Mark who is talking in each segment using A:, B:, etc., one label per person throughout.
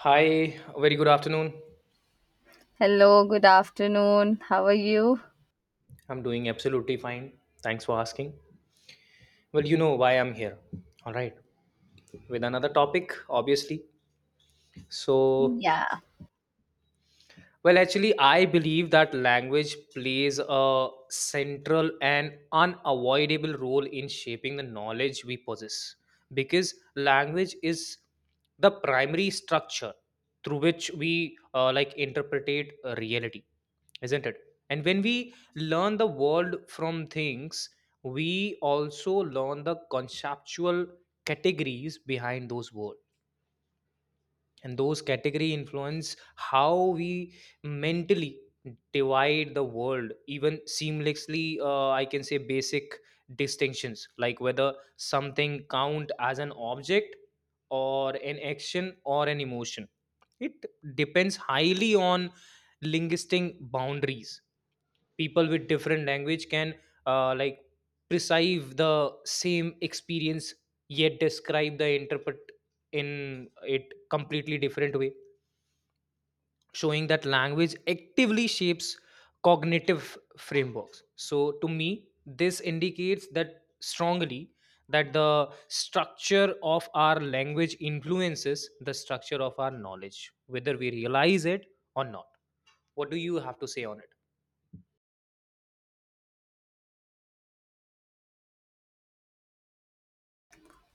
A: Hi, very good afternoon.
B: Hello, good afternoon. How are you?
A: I'm doing absolutely fine. Thanks for asking. Well, you know why I'm here. All right. With another topic, obviously. So,
B: Yeah,
A: well, actually, I believe that language plays a central and unavoidable role in shaping the knowledge we possess because language is the primary structure through which we like interpretate reality, isn't it? And when we learn the world from things, we also learn the conceptual categories behind those world, and those category influence how we mentally divide the world, even seamlessly, I can say basic distinctions, like whether something count as an object or an action or an emotion. It depends highly on linguistic boundaries. People with different language can like perceive the same experience yet describe the interpret in it completely different way, showing that language actively shapes cognitive frameworks. So to me, this indicates that strongly that the structure of our language influences the structure of our knowledge, whether we realize it or not. What do you have to say on it?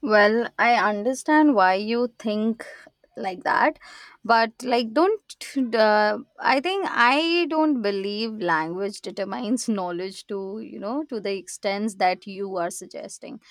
B: well, I understand why you think like that, but like, don't I think I don't believe language determines knowledge to to the extents that you are suggesting.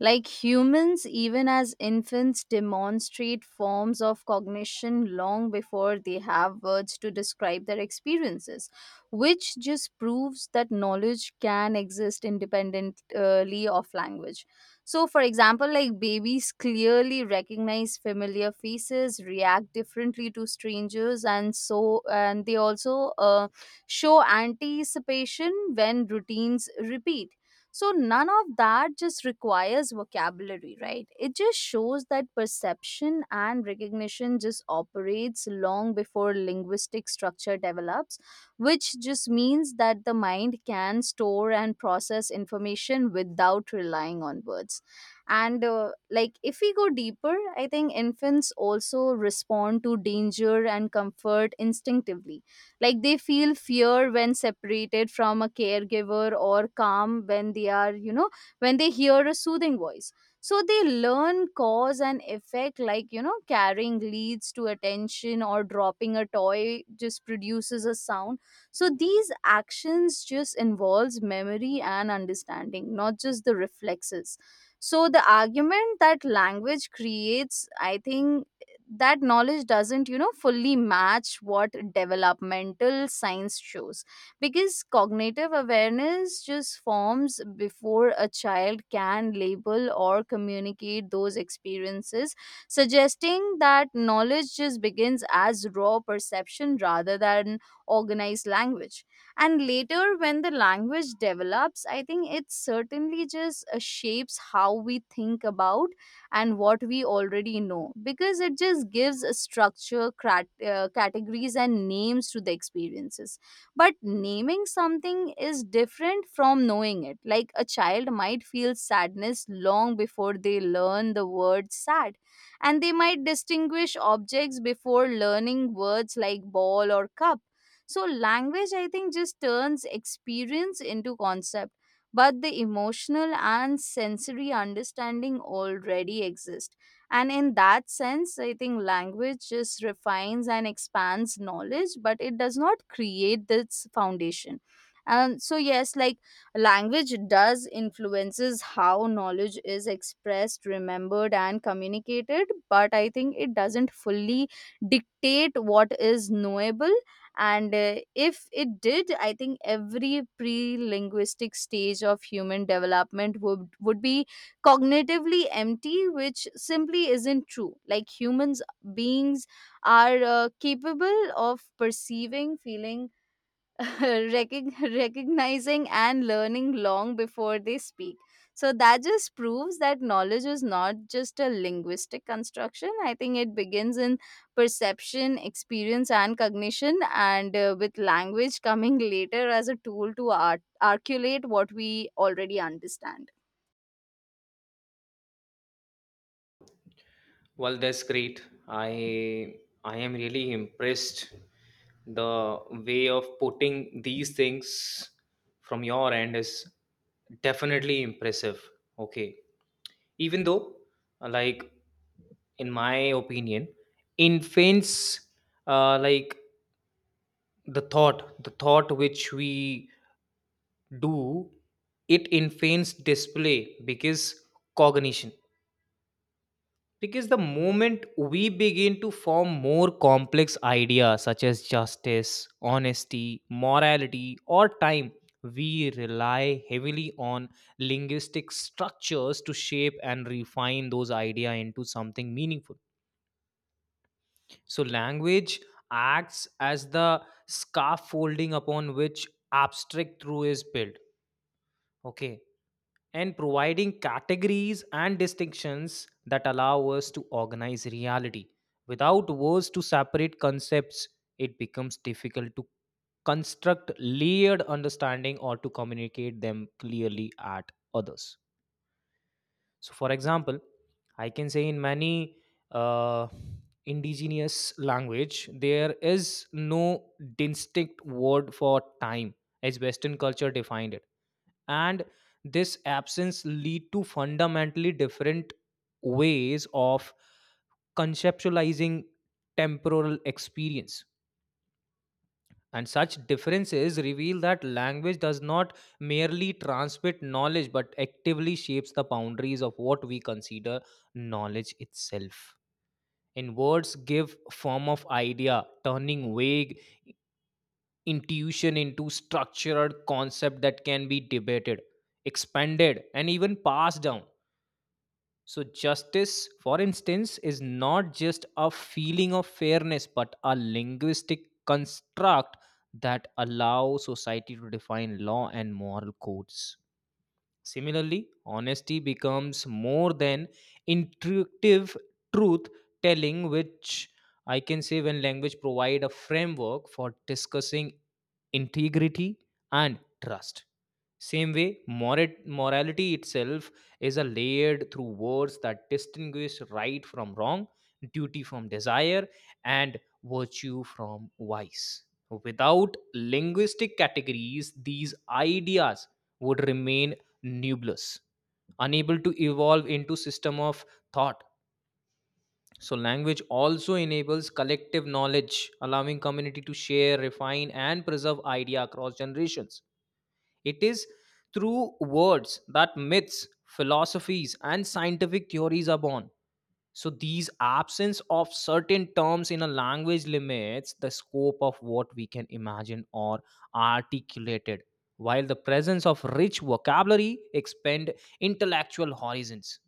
B: Like humans, even as infants, demonstrate forms of cognition long before they have words to describe their experiences, which just proves that knowledge can exist independently of language. So, for example, like babies clearly recognize familiar faces, react differently to strangers, and so and they also show anticipation when routines repeat. So none of that just requires vocabulary, right? It just shows that perception and recognition just operates long before linguistic structure develops, which just means that the mind can store and process information without relying on words. And like if we go deeper, I think infants also respond to danger and comfort instinctively, like they feel fear when separated from a caregiver or calm when they are when they hear a soothing voice. So they learn cause and effect, like carrying leads to attention or dropping a toy just produces a sound. So these actions just involves memory and understanding, not just the reflexes. So the argument that language creates, I think, that knowledge doesn't fully match what developmental science shows, because cognitive awareness just forms before a child can label or communicate those experiences, suggesting that knowledge just begins as raw perception rather than organized language. And later when the language develops, I think it certainly just shapes how we think about and what we already know, because it just gives a structure, categories, and names to the experiences. But naming something is different from knowing it. Like a child might feel sadness long before they learn the word sad, and they might distinguish objects before learning words like ball or cup. So, language, I think, just turns experience into concept, but the emotional and sensory understanding already exist. And in that sense, I think language just refines and expands knowledge, but it does not create this foundation. And so, yes, like language does influences how knowledge is expressed, remembered, and communicated, but I think it doesn't fully dictate what is knowable. And if it did, I think every pre-linguistic stage of human development would be cognitively empty, which simply isn't true. Like humans beings are capable of perceiving, feeling, recognizing and learning long before they speak. So that just proves that knowledge is not just a linguistic construction. I think it begins in perception, experience, and cognition, and with language coming later as a tool to articulate what we already understand.
A: Well, that's great. I am really impressed. The way of putting these things from your end is definitely impressive. Okay. Even though like in my opinion infants like the thought which we do it infants display because cognition. Because the moment we begin to form more complex ideas such as justice, honesty, morality, or time, we rely heavily on linguistic structures to shape and refine those ideas into something meaningful. So, language acts as the scaffolding upon which abstract truth is built. Okay, and providing categories and distinctions that allow us to organize reality. Without words to separate concepts, it becomes difficult to construct layered understanding or to communicate them clearly at others. So, for example, I can say in many uh, indigenous language, there is no distinct word for time as Western culture defined it, and this absence lead to fundamentally different ways of conceptualizing temporal experience. And such differences reveal that language does not merely transmit knowledge but actively shapes the boundaries of what we consider knowledge itself. In words give form of idea, turning vague intuition into structured concept that can be debated, expanded, and even passed down. So justice, for instance, is not just a feeling of fairness but a linguistic construct that allows society to define law and moral codes. Similarly, honesty becomes more than intuitive truth telling, which I can say when language provide a framework for discussing integrity and trust. Same way, morality itself is a layered through words that distinguish right from wrong, duty from desire, and virtue from vice. Without linguistic categories, these ideas would remain nebulous, unable to evolve into system of thought. So language also enables collective knowledge, allowing community to share, refine, and preserve idea across generations. It is through words that myths, philosophies, and scientific theories are born. So these absence of certain terms in a language limits the scope of what we can imagine or articulated, while the presence of rich vocabulary expand intellectual horizons.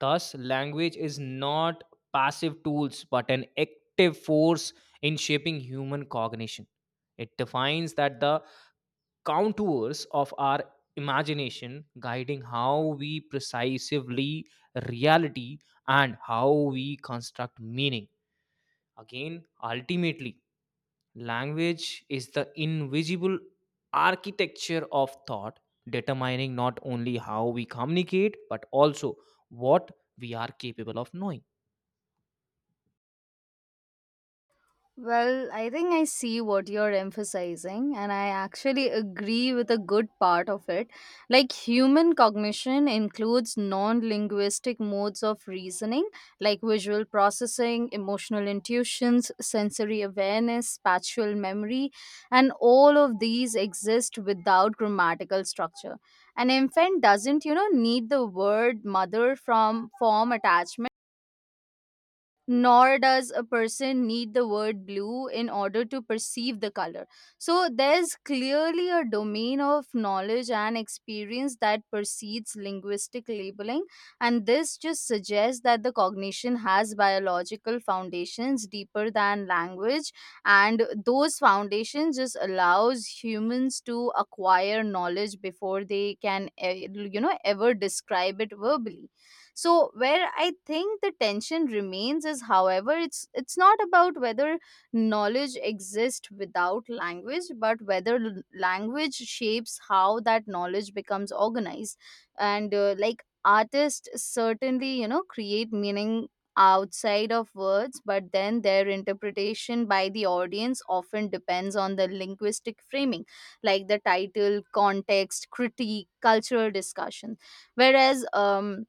A: Thus, language is not passive tools but an active force in shaping human cognition. It defines that the contours of our imagination, guiding how we precisely reality and how we construct meaning. Again, ultimately, language is the invisible architecture of thought, determining not only how we communicate but also what we are capable of knowing.
B: Well, I think I see what you're emphasizing, and I actually agree with a good part of it. Like, human cognition includes non linguistic modes of reasoning, like visual processing, emotional intuitions, sensory awareness, spatial memory, and all of these exist without grammatical structure. An infant doesn't, need the word mother from form attachment, nor does a person need the word blue in order to perceive the color. So there's clearly a domain of knowledge and experience that precedes linguistic labeling, and this just suggests that the cognition has biological foundations deeper than language, and those foundations just allows humans to acquire knowledge before they can, ever describe it verbally. So where I think the tension remains is, however, it's not about whether knowledge exists without language, but whether language shapes how that knowledge becomes organized. And like artists certainly create meaning outside of words, but then their interpretation by the audience often depends on the linguistic framing, like the title, context, critique, cultural discussion, whereas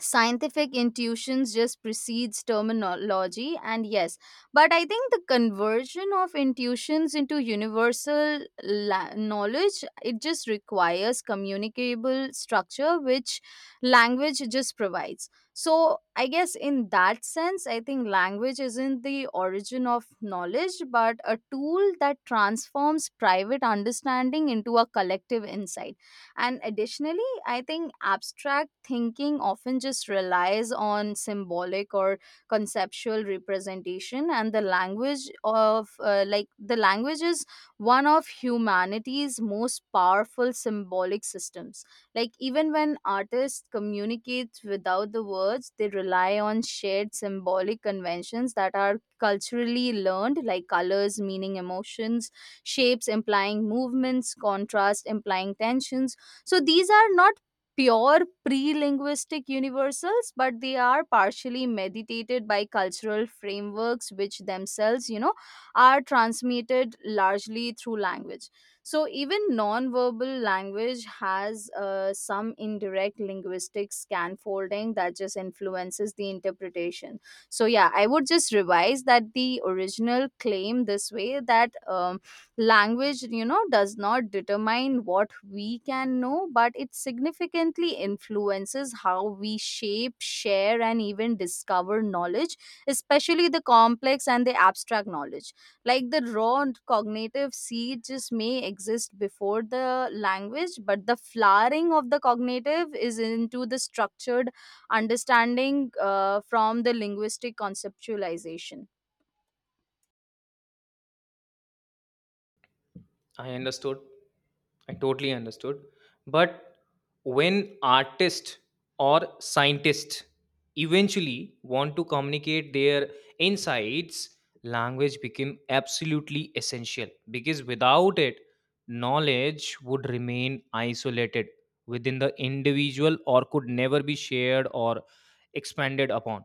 B: scientific intuitions just precedes terminology, and yes, but I think the conversion of intuitions into universal knowledge, it just requires communicable structure, which language just provides. So I guess, in that sense, I think language isn't the origin of knowledge, but a tool that transforms private understanding into a collective insight. And additionally, I think abstract thinking often just relies on symbolic or conceptual representation, and the language is one of humanity's most powerful symbolic systems. Like, even when artists communicate without the words, they rely on shared symbolic conventions that are culturally learned, like colors meaning emotions, shapes implying movements, contrast implying tensions. So these are not pure pre-linguistic universals, but they are partially meditated by cultural frameworks, which themselves, are transmitted largely through language. So even non-verbal language has some indirect linguistic scaffolding that just influences the interpretation. So yeah, I would just revise that the original claim this way, that language, does not determine what we can know, but it significantly influences how we shape, share, and even discover knowledge, especially the complex and the abstract knowledge. Like the raw and cognitive seed just may exist before the language, but the flowering of the cognitive is into the structured understanding from the linguistic conceptualization.
A: I understood. I totally understood. But when artists or scientists eventually want to communicate their insights, language became absolutely essential, because without it, knowledge would remain isolated within the individual or could never be shared or expanded upon.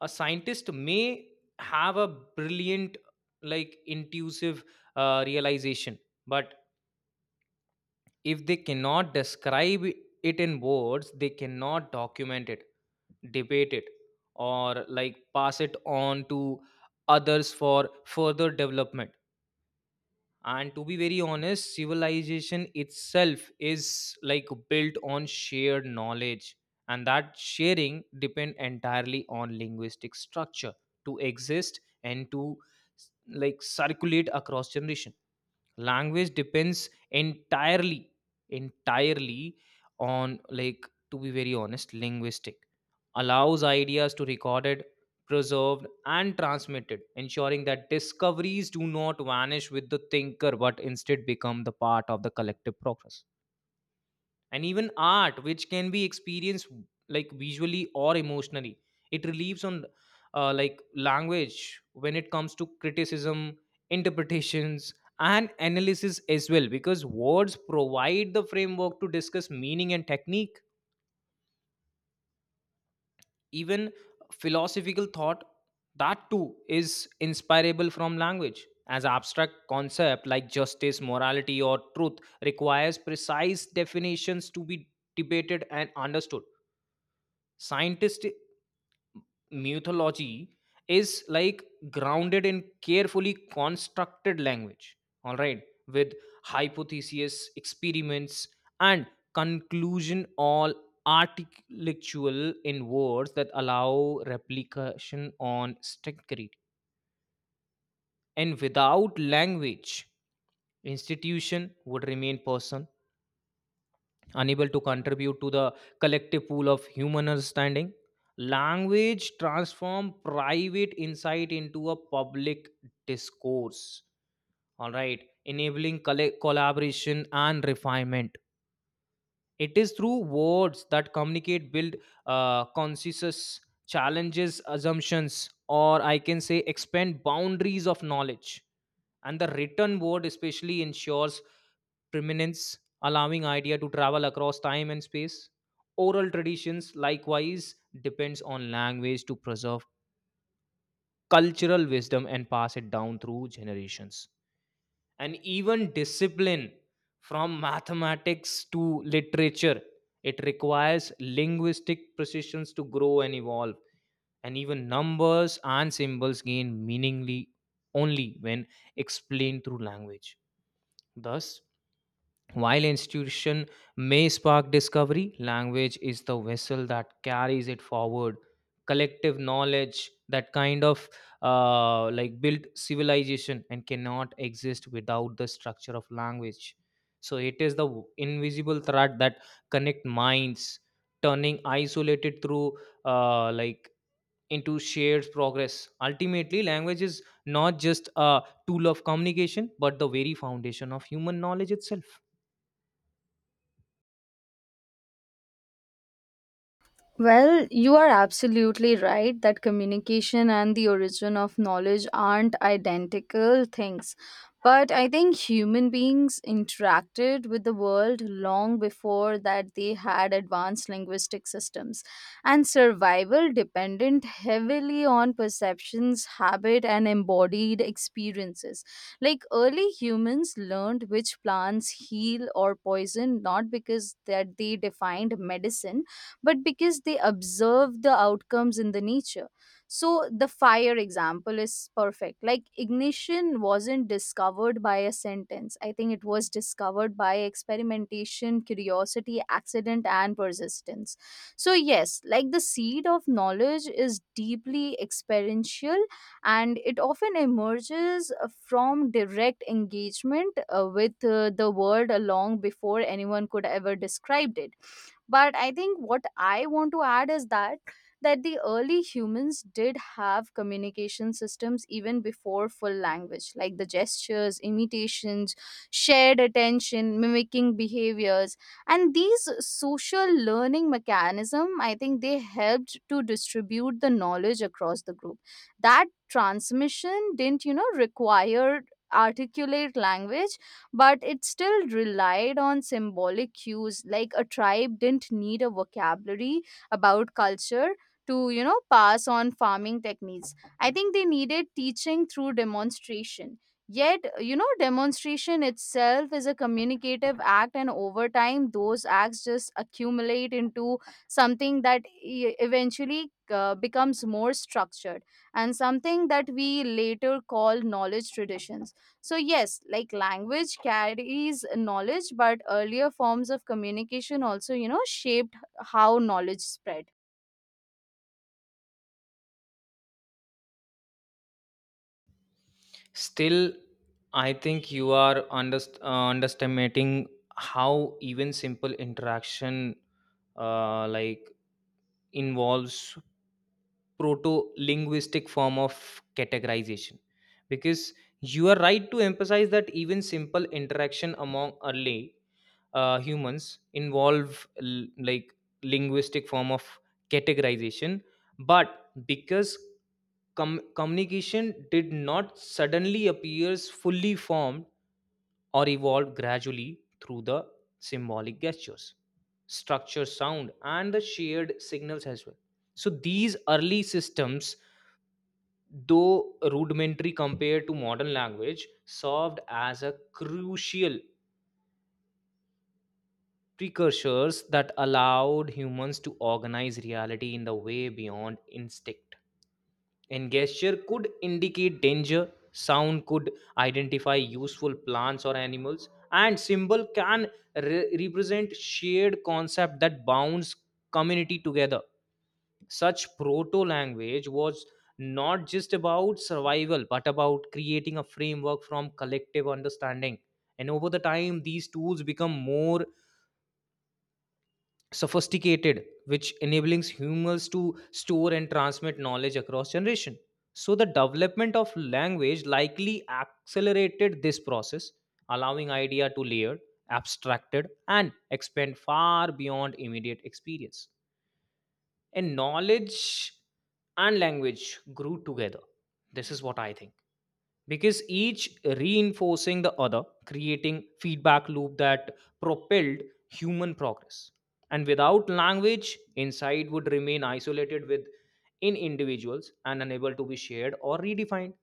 A: A scientist may have a brilliant, like, intuitive realization, but if they cannot describe it in words, they cannot document it, debate it, or like pass it on to others for further development. And to be very honest, civilization itself is like built on shared knowledge, and that sharing depend entirely on linguistic structure to exist and to like circulate across generation. Language depends entirely on, like, to be very honest, linguistic allows ideas to recorded, preserved, and transmitted, ensuring that discoveries do not vanish with the thinker but instead become the part of the collective progress. And even art, which can be experienced like visually or emotionally, it relieves on like language when it comes to criticism, interpretations, and analysis as well, because words provide the framework to discuss meaning and technique. Even philosophical thought, that too is inspirable from language, as abstract concept like justice, morality, or truth requires precise definitions to be debated and understood. Scientist mythology is like grounded in carefully constructed language, all right, with hypothesis, experiments, and conclusion all articulable in words that allow replication on strict creed. And without language, institution would remain person, unable to contribute to the collective pool of human understanding. Language transform private insight into a public discourse, all right, enabling collaboration and refinement. It is through words that communicate build consensus, challenges assumptions, or I can say expand boundaries of knowledge. And the written word especially ensures preeminence, allowing idea to travel across time and space. Oral traditions likewise depends on language to preserve cultural wisdom and pass it down through generations. And even discipline, from mathematics to literature, it requires linguistic precisions to grow and evolve. And even numbers and symbols gain meaningly only when explained through language. Thus, while institution may spark discovery, language is the vessel that carries it forward. Collective knowledge that kind of like built civilization and cannot exist without the structure of language. So it is the invisible thread that connect minds, turning isolated through like into shared progress. Ultimately, language is not just a tool of communication, but the very foundation of human knowledge itself.
B: Well, you are absolutely right that communication and the origin of knowledge aren't identical things. But I think human beings interacted with the world long before that they had advanced linguistic systems. And survival depended heavily on perceptions, habit, and embodied experiences. Like early humans learned which plants heal or poison not because that they defined medicine, but because they observe the outcomes in the nature. So the fire example is perfect. Like ignition wasn't discovered by a sentence. I think it was discovered by experimentation, curiosity, accident, and persistence. So yes, like the seed of knowledge is deeply experiential, and it often emerges from direct engagement with the world long before anyone could ever described it. But I think what I want to add is that the early humans did have communication systems even before full language, like the gestures, imitations, shared attention, mimicking behaviors. And these social learning mechanism, I think they helped to distribute the knowledge across the group. That transmission didn't require articulate language, but it still relied on symbolic cues. Like a tribe didn't need a vocabulary about culture to pass on farming techniques. I think they needed teaching through demonstration. Yet demonstration itself is a communicative act, and over time those acts just accumulate into something that eventually becomes more structured, and something that we later call knowledge traditions. So, yes, like language carries knowledge, but earlier forms of communication also, shaped how knowledge spread.
A: Still, I think you are underestimating how even simple interaction like involves proto-linguistic form of categorization, because you are right to emphasize that even simple interaction among early humans involve like linguistic form of categorization. But because communication did not suddenly appears fully formed or evolved gradually through the symbolic gestures, structure sound, and the shared signals as well. So these early systems, though rudimentary compared to modern language, served as a crucial precursors that allowed humans to organize reality in the way beyond instinct. And gesture could indicate danger, sound could identify useful plants or animals, and symbol can represent shared concept that bounds community together. Such proto language was not just about survival but about creating a framework from collective understanding. And over the time, these tools become more sophisticated, which enables humans to store and transmit knowledge across generation. So the development of language likely accelerated this process, allowing idea to layer, abstracted, and expand far beyond immediate experience. And knowledge and language grew together, this is what I think, because each reinforcing the other, creating feedback loop that propelled human progress. And without language, insight would remain isolated within individuals and unable to be shared or redefined.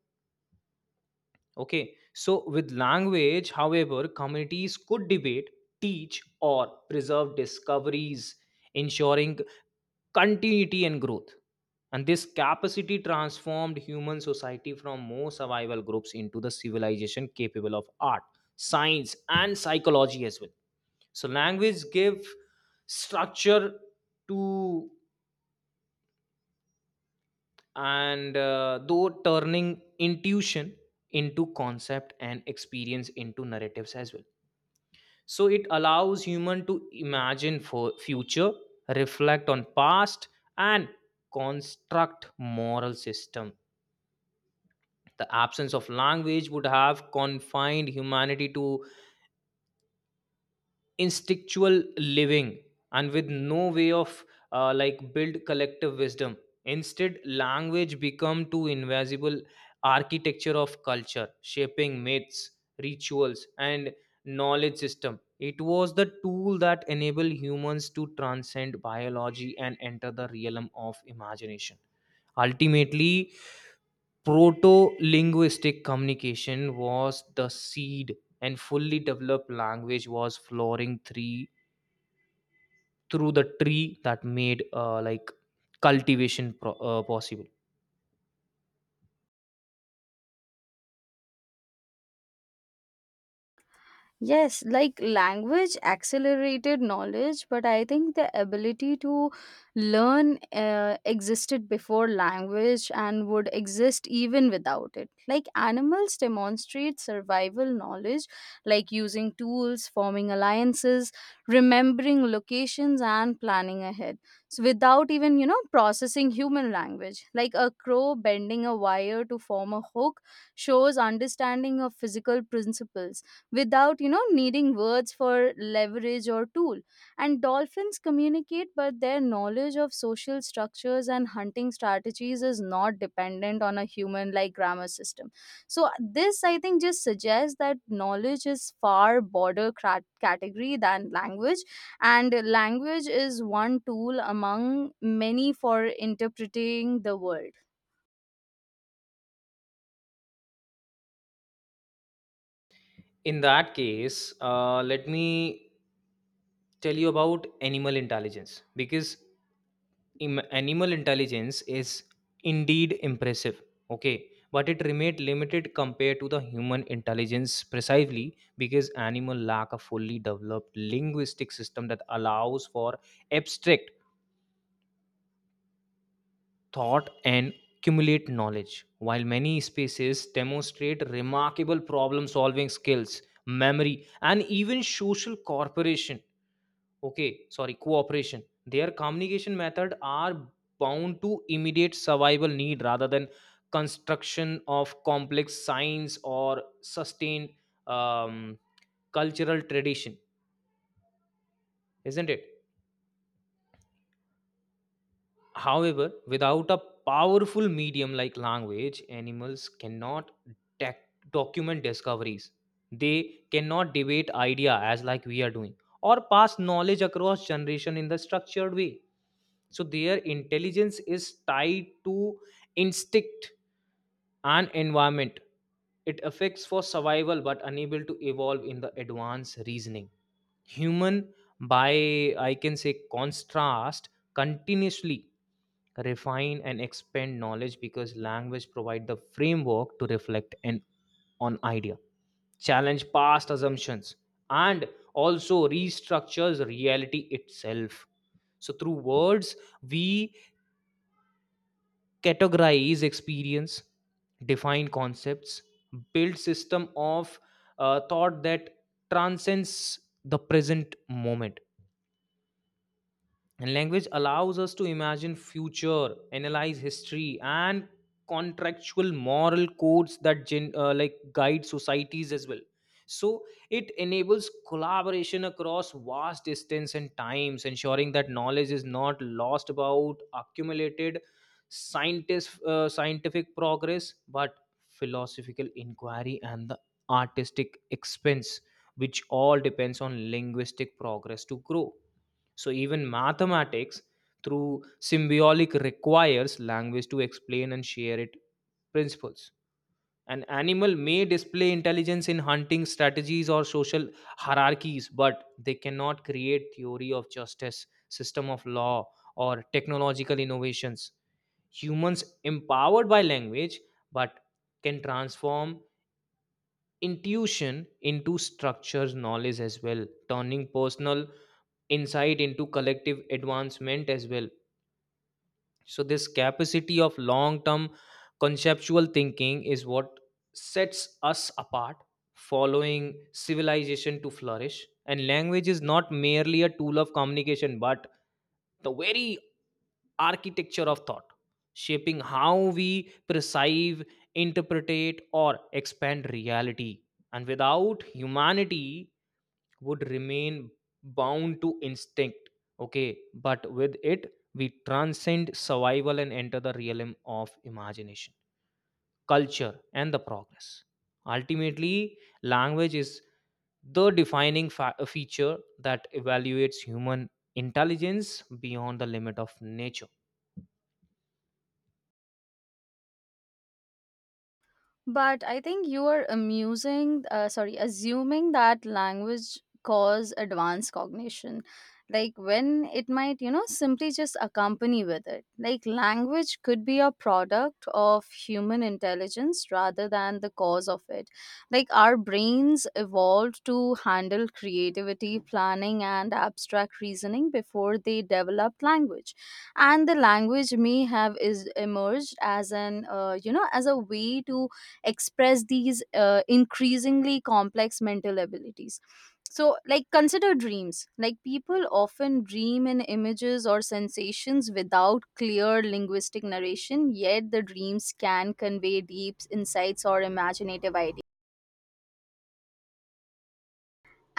A: Okay, so with language, however, communities could debate, teach, or preserve discoveries, ensuring continuity and growth. And this capacity transformed human society from more survival groups into the civilization capable of art, science, and psychology as well. So, language give structure to and though turning intuition into concept and experience into narratives as well. So it allows human to imagine for future, reflect on past, and construct moral system. The absence of language would have confined humanity to instinctual living and with no way of like build collective wisdom. Instead, language become too invisible architecture of culture, shaping myths, rituals, and knowledge system. It was the tool that enabled humans to transcend biology and enter the realm of imagination. Ultimately, proto-linguistic communication was the seed and fully developed language was flowering three through the tree that made like cultivation possible.
B: Yes, like language accelerated knowledge, but I think the ability to learn existed before language and would exist even without it. Like animals demonstrate survival knowledge, like using tools, forming alliances, remembering locations, and planning ahead. So without even, processing human language, like a crow bending a wire to form a hook shows understanding of physical principles without needing words for leverage or tool. And dolphins communicate, but their knowledge of social structures and hunting strategies is not dependent on a human like grammar system. So this, I think, just suggests that knowledge is far broader category than language, and language is one tool among many for interpreting the world.
A: In that case, let me tell you about animal intelligence, because animal intelligence is indeed impressive, okay, but it remained limited compared to the human intelligence precisely because animal lack a fully developed linguistic system that allows for abstract thought and accumulate knowledge. While many spaces demonstrate remarkable problem solving skills, memory, and even social corporation, okay, sorry, cooperation, their communication method are bound to immediate survival need rather than construction of complex science or sustained um, cultural tradition, isn't it? However, without a powerful medium like language, animals cannot tac document discoveries. They cannot debate idea as like we are doing or pass knowledge across generation in the structured way. So their intelligence is tied to instinct and environment. It affects for survival but unable to evolve in the advanced reasoning. Human, by I can say contrast, continuously refine and expand knowledge because language provide the framework to reflect and on idea, challenge past assumptions, and also restructures reality itself. So through words, we categorize experience, define concepts, build system of thought that transcends the present moment. And language allows us to imagine future, analyze history, and contractual moral codes that like guide societies as well. So it enables collaboration across vast distance and times, ensuring that knowledge is not lost about accumulated scientist, scientific progress, but philosophical inquiry and the artistic expense, which all depends on linguistic progress to grow. So even mathematics through symbolic requires language to explain and share its principles. An animal may display intelligence in hunting strategies or social hierarchies, but they cannot create theory of justice, system of law, or technological innovations. Humans empowered by language, but can transform intuition into structures knowledge as well, turning personal insight into collective advancement as well. So this capacity of long term conceptual thinking is what sets us apart, following civilization to flourish. And language is not merely a tool of communication but the very architecture of thought, shaping how we perceive, interpretate, or expand reality. And without, humanity would remain bound to instinct, okay, but with it we transcend survival and enter the realm of imagination, culture, and the progress. Ultimately, language is the defining feature that evaluates human intelligence beyond the limit of nature.
B: But I think you are amusing, sorry, assuming that language cause advanced cognition, like when it might, simply just accompany with it. Like language could be a product of human intelligence rather than the cause of it. Like our brains evolved to handle creativity, planning, and abstract reasoning before they developed language, and the language may have is emerged as an as a way to express these increasingly complex mental abilities. So like consider dreams. Like people often dream in images or sensations without clear linguistic narration, yet the dreams can convey deep insights or imaginative ideas.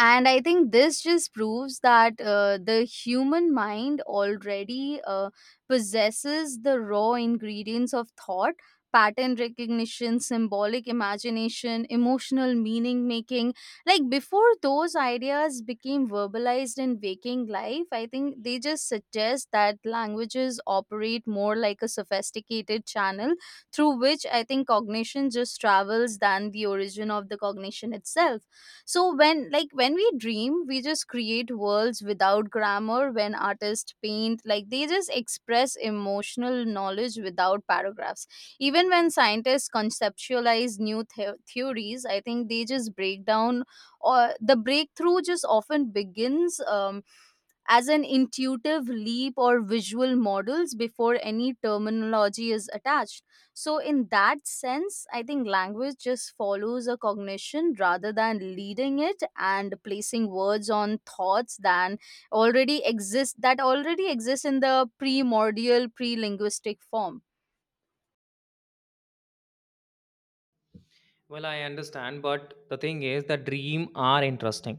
B: And I think this just proves that the human mind already possesses the raw ingredients of thought, pattern recognition, symbolic imagination, emotional meaning making. Like before those ideas became verbalized in waking life, I think they just suggest that languages operate more like a sophisticated channel through which I think cognition just travels than the origin of the cognition itself. So when, like when we dream, we just create worlds without grammar. When artists paint, like they just express emotional knowledge without paragraphs. Even when scientists conceptualize new theories, I think they just break down, or the breakthrough just often begins as an intuitive leap or visual models before any terminology is attached. So, in that sense, I think language just follows a cognition rather than leading it, and placing words on thoughts than already exist that already exist in the primordial pre-linguistic form.
A: Well, I understand, but the thing is the dream are interesting,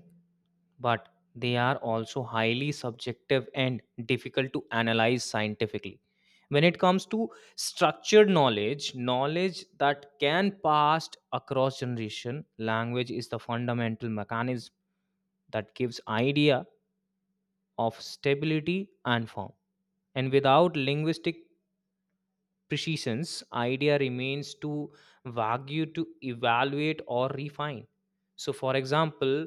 A: but they are also highly subjective and difficult to analyze scientifically. When it comes to structured knowledge, knowledge that can pass across generation, language is the fundamental mechanism that gives idea of stability and form. And without linguistic precision's idea remains too vague to evaluate or refine. So for example,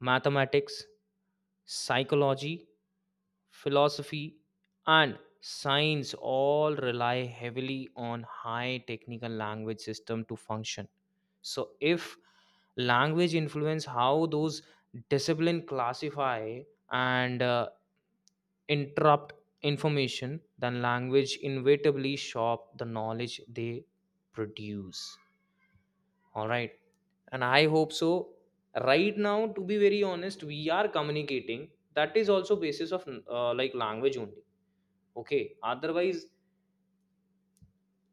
A: mathematics, psychology, philosophy, and science all rely heavily on high technical language system to function. So if language influence how those discipline classify and interrupt information, then language inevitably shop the knowledge they produce. All right. And I hope so. Right now, to be very honest, we are communicating. That is also basis of like language only. Okay. Otherwise,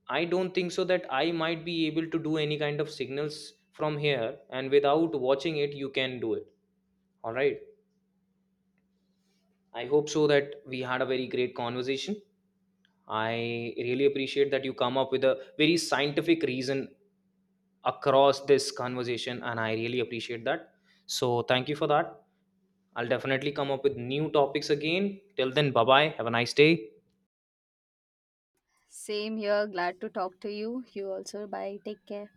A: I don't think so that I might be able to do any kind of signals from here. And without watching it, you can do it. All right. I hope so that we had a very great conversation. I really appreciate that you come up with a very scientific reason across this conversation. And I really appreciate that. So thank you for that. I'll definitely come up with new topics again. Till then, bye bye. Have a nice day.
B: Same here. Glad to talk to you. You also. Bye. Take care.